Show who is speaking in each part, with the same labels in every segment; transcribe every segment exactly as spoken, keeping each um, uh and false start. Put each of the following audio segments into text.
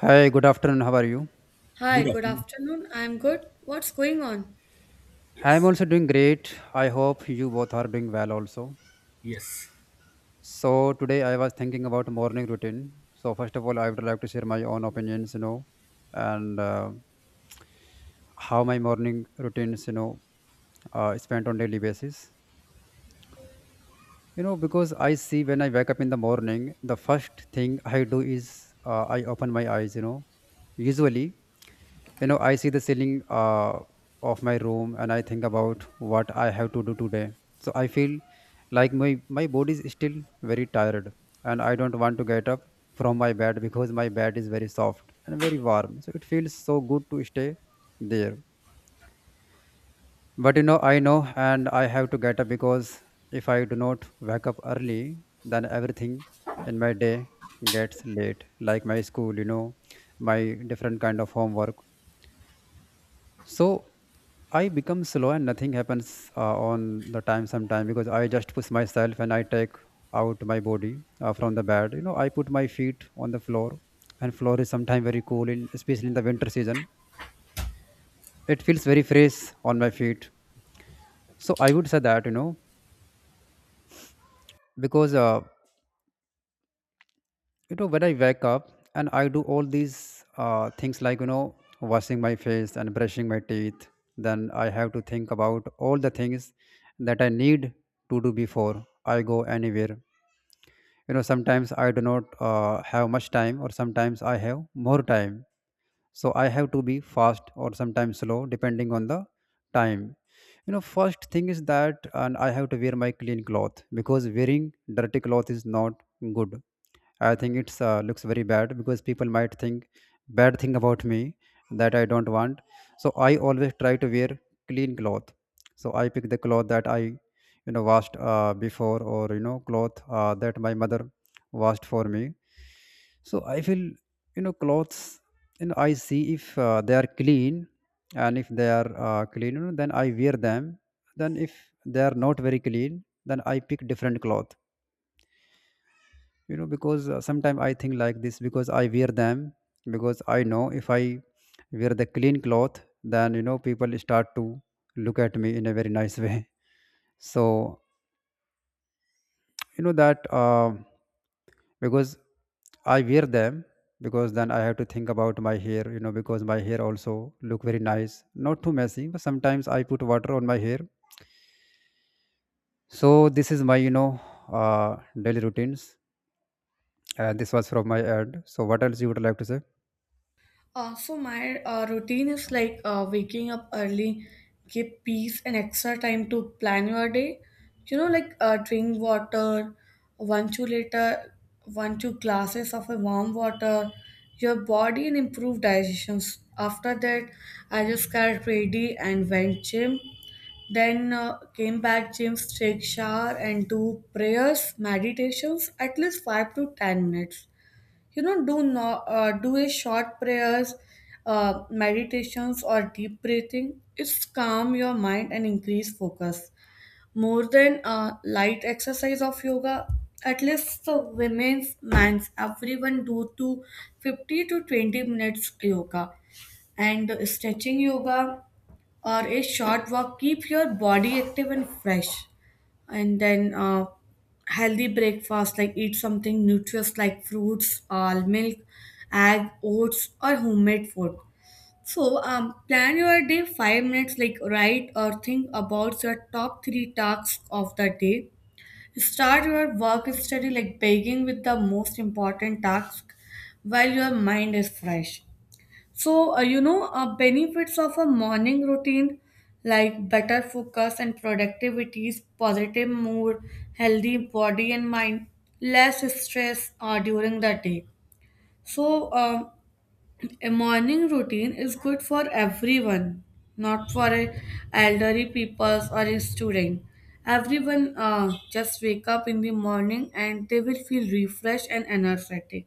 Speaker 1: Hi, good afternoon. How are you?
Speaker 2: Hi,
Speaker 3: Good
Speaker 2: good
Speaker 3: afternoon.
Speaker 2: afternoon. I'm good. What's going on?
Speaker 1: I'm
Speaker 3: Yes,
Speaker 1: also doing great. I hope you both are doing well also.
Speaker 3: yes,
Speaker 1: So today I was thinking about morning routine. So first of all, I would like to share my own opinions, you know, and uh, how my morning routines, you know, uh, spent on daily basis. You know, because I see when I wake up in the morning, the first thing I do is uh, I open my eyes, you know, usually. You know I see the ceiling uh, of my room, and I think about what I have to do today. So I feel like my my body is still very tired, and I don't want to get up from my bed because my bed is very soft and very warm, so it feels so good to stay there. But you know, I know, and I have to get up because if I do not wake up early, then everything in my day gets late, like my school, you know, my different kind of homework. So I become slow and nothing happens uh, on the time sometime because I just push myself and I take out my body uh, from the bed. You know, I put my feet on the floor, and floor is sometimes very cool, in, especially in the winter season. It feels very fresh on my feet. So I would say that you know because uh, you know, when I wake up and I do all these uh, things, like you know, washing my face and brushing my teeth, then I have to think about all the things that I need to do before I go anywhere. You know, sometimes I do not uh, have much time, or sometimes I have more time, so I have to be fast or sometimes slow depending on the time. You know, first thing is that, and I have to wear my clean cloth because wearing dirty cloth is not good. I think it's uh, looks very bad because people might think bad thing about me that I don't want. So I always try to wear clean cloth. So I pick the cloth that I, you know, washed uh, before, or you know, cloth uh, that my mother washed for me. So I feel, you know, clothes. You know, I see if uh, they are clean, and if they are uh, clean, you know, then I wear them. Then if they are not very clean, then I pick different cloth. You know because uh, sometimes I think like this, because I wear them, because I know if I wear the clean cloth, then you know, people start to look at me in a very nice way. So you know that uh, because I wear them, because then I have to think about my hair, you know, because my hair also look very nice, not too messy, but sometimes I put water on my hair. So this is my, you know uh, daily routines. Uh, this was from my ad, so what else you would like to say?
Speaker 2: Uh, so my uh, routine is like uh, waking up early, give peace and extra time to plan your day. You know, like uh, drink water, one two liter, one two glasses of a warm water, your body and improve digestions. After that, I just got ready and went gym. Then uh, came back gym, take shower and do prayers, meditations at least five to ten minutes you know do no, uh, do a short prayers uh, meditations or deep breathing it's calm your mind and increase focus more than a light exercise of yoga at least the women's men's everyone do to fifty to twenty minutes yoga and stretching yoga or a short walk keep your body active and fresh and then uh, healthy breakfast like eat something nutritious like fruits all milk egg oats or homemade food so um, plan your day five minutes like write or think about your top three tasks of the day start your work study like beginning with the most important task while your mind is fresh so, uh, you know, uh, benefits of a morning routine like better focus and productivities, positive mood, healthy body and mind, less stress uh, during the day. So, um a morning routine is good for everyone, not for a elderly people or a student. Everyone uh, just wake up in the morning and they will feel refreshed and energetic.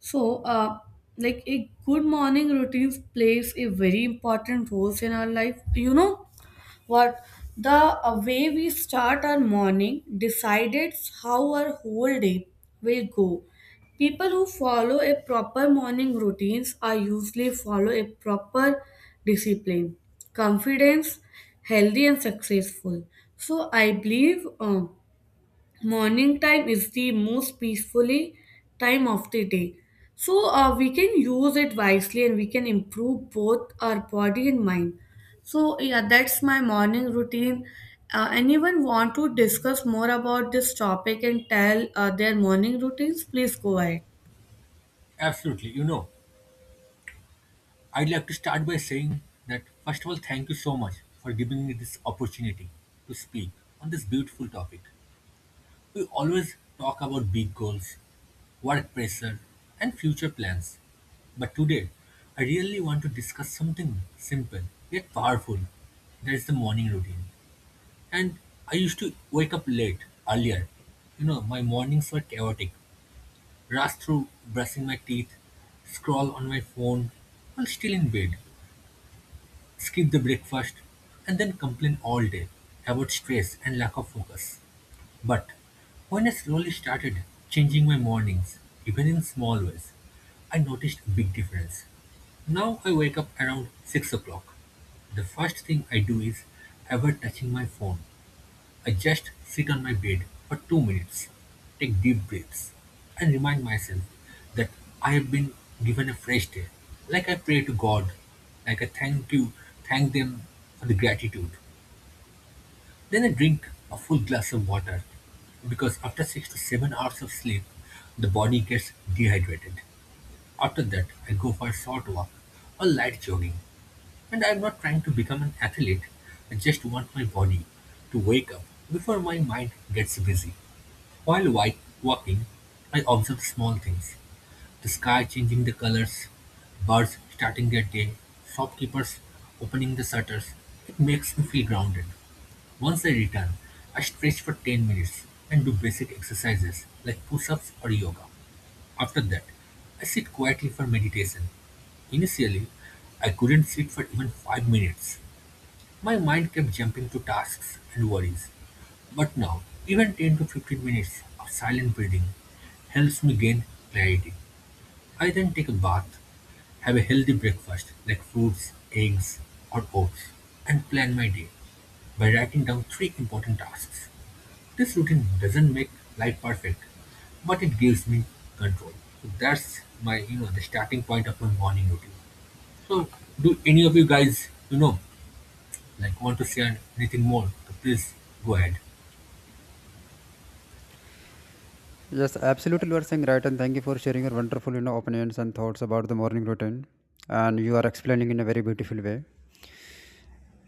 Speaker 2: So, uh, like a good morning routine plays a very important role in our life. You know what? The uh, way we start our morning decides how our whole day will go. People who follow a proper morning routines are usually follow a proper discipline, confidence, healthy and successful. So I believe. Um, morning time is the most peacefully time of the day so uh, we can use it wisely and we can improve both our body and mind so yeah that's my morning routine uh, anyone want to discuss more about this topic and tell uh, their morning routines please go ahead.
Speaker 3: absolutely. You know, I'd like to start by saying that, first of all, thank you so much for giving me this opportunity to speak on this beautiful topic. We always talk about big goals, work pressure, and future plans. But today, I really want to discuss something simple yet powerful. That is the morning routine. And I used to wake up late earlier. You know, my mornings were chaotic. Rush through brushing my teeth, scroll on my phone while still in bed, skip the breakfast, and then complain all day about stress and lack of focus. But when I slowly started changing my mornings, even in small ways, I noticed a big difference. Now I wake up around six o'clock. The first thing I do is ever touching my phone. I just sit on my bed for two minutes, take deep breaths, and remind myself that I have been given a fresh day. Like I pray to God, like I thank you, thank them for the gratitude. Then I drink a full glass of water because after six to seven hours of sleep, the body gets dehydrated. After that, I go for a short walk or light jogging. And I'm not trying to become an athlete, I just want my body to wake up before my mind gets busy. While wi- walking, I observe small things: the sky changing the colors, birds starting their day, shopkeepers opening the shutters. It makes me feel grounded. Once I return, I stretch for ten minutes and do basic exercises like push ups or yoga. After that, I sit quietly for meditation. Initially, I couldn't sit for even five minutes. My mind kept jumping to tasks and worries. But now, even ten to fifteen minutes of silent breathing helps me gain clarity. I then take a bath, have a healthy breakfast like fruits, eggs, or oats, and plan my day by writing down three important tasks. This routine doesn't make life perfect, but it gives me control. So that's my, you know, the starting point of my morning routine. So do any of you guys, you know, like want to share anything more? So please go ahead.
Speaker 1: Yes, absolutely. You are saying right, and thank you for sharing your wonderful, you know, opinions and thoughts about the morning routine. And you are explaining in a very beautiful way.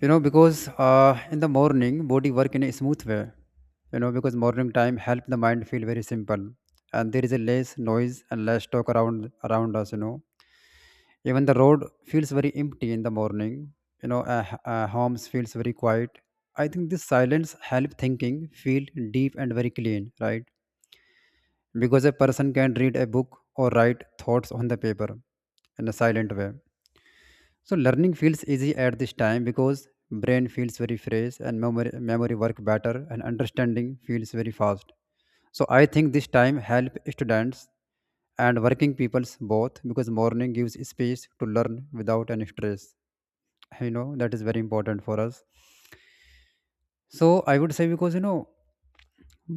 Speaker 1: You know, because uh, in the morning, body work in a smooth way. You know, because morning time help the mind feel very simple, and there is a less noise and less talk around around us. You know, even the road feels very empty in the morning. You know, uh, h- uh, homes feels very quiet. I think this silence help thinking feel deep and very clean, right? Because a person can read a book or write thoughts on the paper in a silent way. So learning feels easy at this time because brain feels very fresh, and memory, memory work better, and understanding feels very fast. So I think this time help students and working peoples both, because morning gives space to learn without any stress. You know, that is very important for us. So I would say, because you know,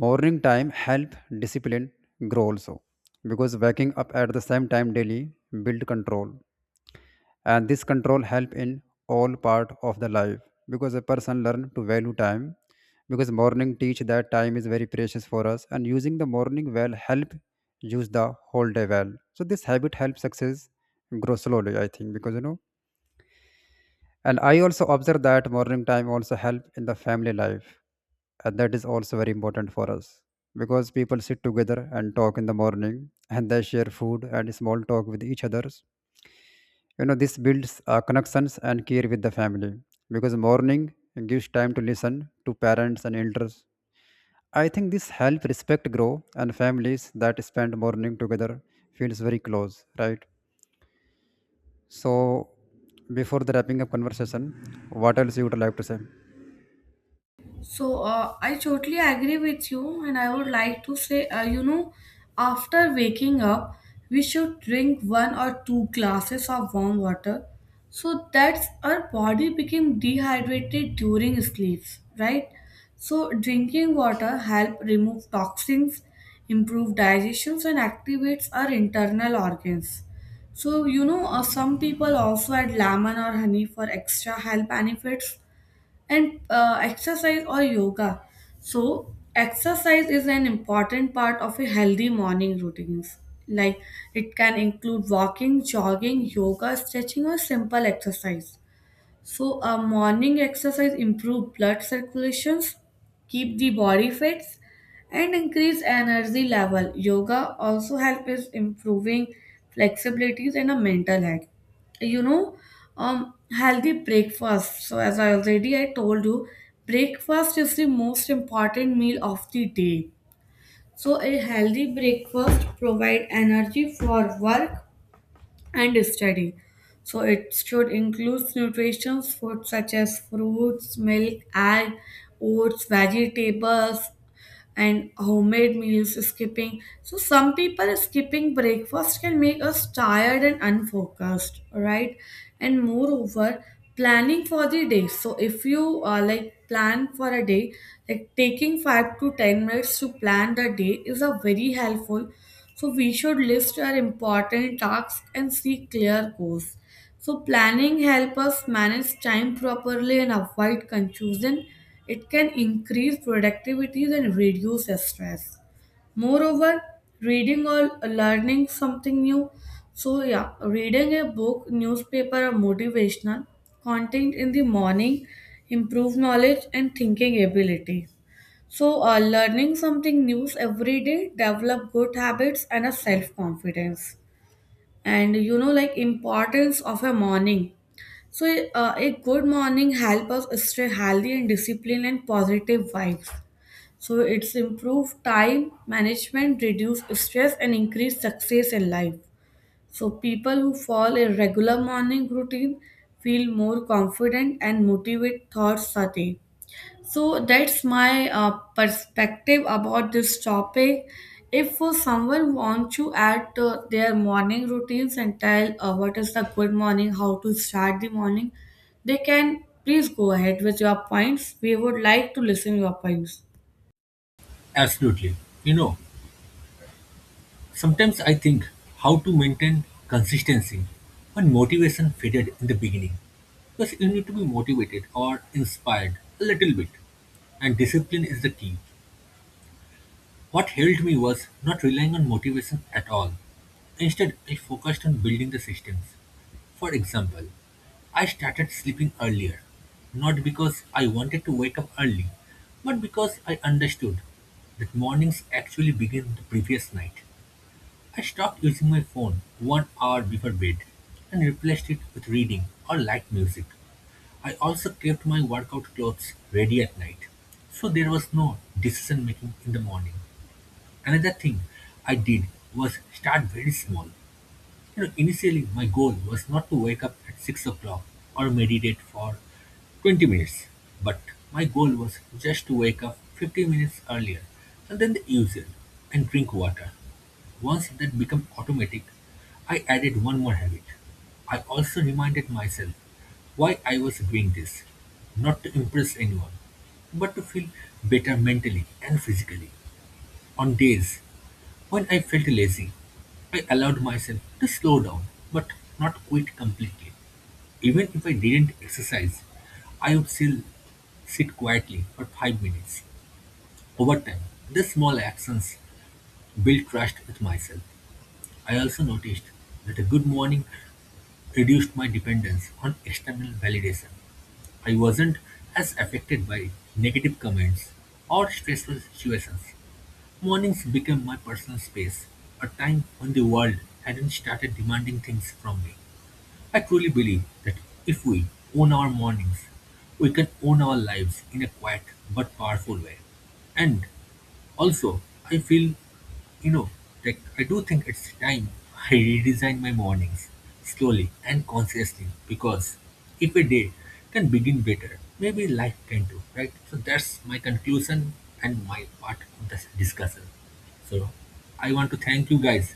Speaker 1: morning time help discipline grow also, because waking up at the same time daily build control, and this control help in all part of the life, because a person learn to value time, because morning teach that time is very precious for us, and using the morning well help use the whole day well. So this habit helps success grow slowly, I think, because you know, and I also observe that morning time also help in the family life. And that is also very important for us because people sit together and talk in the morning, and they share food and small talk with each others. You know, this builds uh, connections and care with the family, because morning gives time to listen to parents and elders. I think this help respect grow, and families that spend morning together feels very close, right? So before the wrapping up conversation, what else you would like to say?
Speaker 2: So uh, I totally agree with you, and I would like to say, uh, you know, after waking up, we should drink one or two glasses of warm water, so that our body became dehydrated during sleeps, right? So drinking water help remove toxins, improve digestions, and activates our internal organs. So you know, uh, some people also add lemon or honey for extra health benefits and uh, exercise or yoga. So, exercise is an important part of a healthy morning routines. Like it can include walking, jogging, yoga, stretching, or simple exercise. So, a morning exercise improve blood circulations, keep the body fit, and increase energy level. Yoga also help is improving flexibilities and a mental health. You know, um, healthy breakfast. So, as I already I told you, breakfast is the most important meal of the day. So, a healthy breakfast provide energy for work and study. So it should include nutritious foods such as fruits, milk, egg, oats, vegetables, and homemade meals skipping. So some people skipping breakfast can make us tired and unfocused, right? And moreover, planning for the day. So if you uh, like plan for a day, like taking five to ten minutes to plan the day is a very helpful. So we should list our important tasks and see clear goals. So planning help us manage time properly and avoid confusion. It can increase productivity and reduce stress. Moreover, reading or learning something new. So yeah, reading a book, newspaper or motivational content in the morning improve knowledge and thinking ability. So uh, learning something new every day develop good habits and a self confidence and you know like importance of a morning so, uh, a good morning help us stay healthy and disciplined and positive vibes. So, it's improve time management, reduce stress, and increase success in life. So, people who follow a regular morning routine feel more confident and motivate thoughts a day. So that's my uh, perspective about this topic. If uh, someone wants to add uh, their morning routines and tell uh, what is the good morning, how to start the morning, they can please go ahead with your points. We would like to listen your points.
Speaker 3: Absolutely. You know, sometimes I think how to maintain consistency when motivation faded in the beginning. Because you need to be motivated or inspired a little bit and discipline is the key. What helped me was not relying on motivation at all. Instead, I focused on building the systems. For example, I started sleeping earlier, not because I wanted to wake up early, but because I understood that mornings actually begin the previous night. I stopped using my phone one hour before bed and replaced it with reading or light music. I also kept my workout clothes ready at night, so there was no decision making in the morning. Another thing I did was start very small. You know, initially my goal was not to wake up at six o'clock or meditate for twenty minutes, but my goal was just to wake up fifteen minutes earlier and then the usual and drink water. Once that became automatic, I added one more habit. I also reminded myself why I was doing this, not to impress anyone, but to feel better mentally and physically. On days when I felt lazy, I allowed myself to slow down but not quit completely. Even if I didn't exercise, I would still sit quietly for five minutes. Over time, these small actions built trust with myself. I also noticed that a good morning reduced my dependence on external validation. I wasn't as affected by negative comments or stressful situations. Mornings became my personal space, a time when the world hadn't started demanding things from me. I truly believe that if we own our mornings, we can own our lives in a quiet but powerful way. And also, I feel, you know, like I do think it's time I redesign my mornings slowly and consciously because if a day can begin better, maybe life can too, right? So that's my conclusion and my part of this discussion. So I want to thank you guys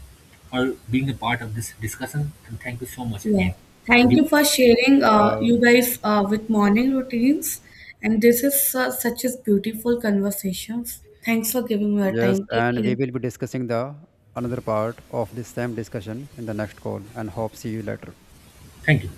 Speaker 3: for being a part of this discussion and thank you so much
Speaker 2: Yeah.
Speaker 3: again for
Speaker 2: Thank
Speaker 3: giving.
Speaker 2: you for sharing uh,
Speaker 1: Uh,
Speaker 2: you guys uh, with morning routines. And this is uh, such a beautiful conversations. Thanks for giving me your
Speaker 1: Yes,
Speaker 2: time. Take
Speaker 1: and we
Speaker 2: care.
Speaker 1: will be discussing the another part of this same discussion in the next call, and hope see you later.
Speaker 3: Thank you.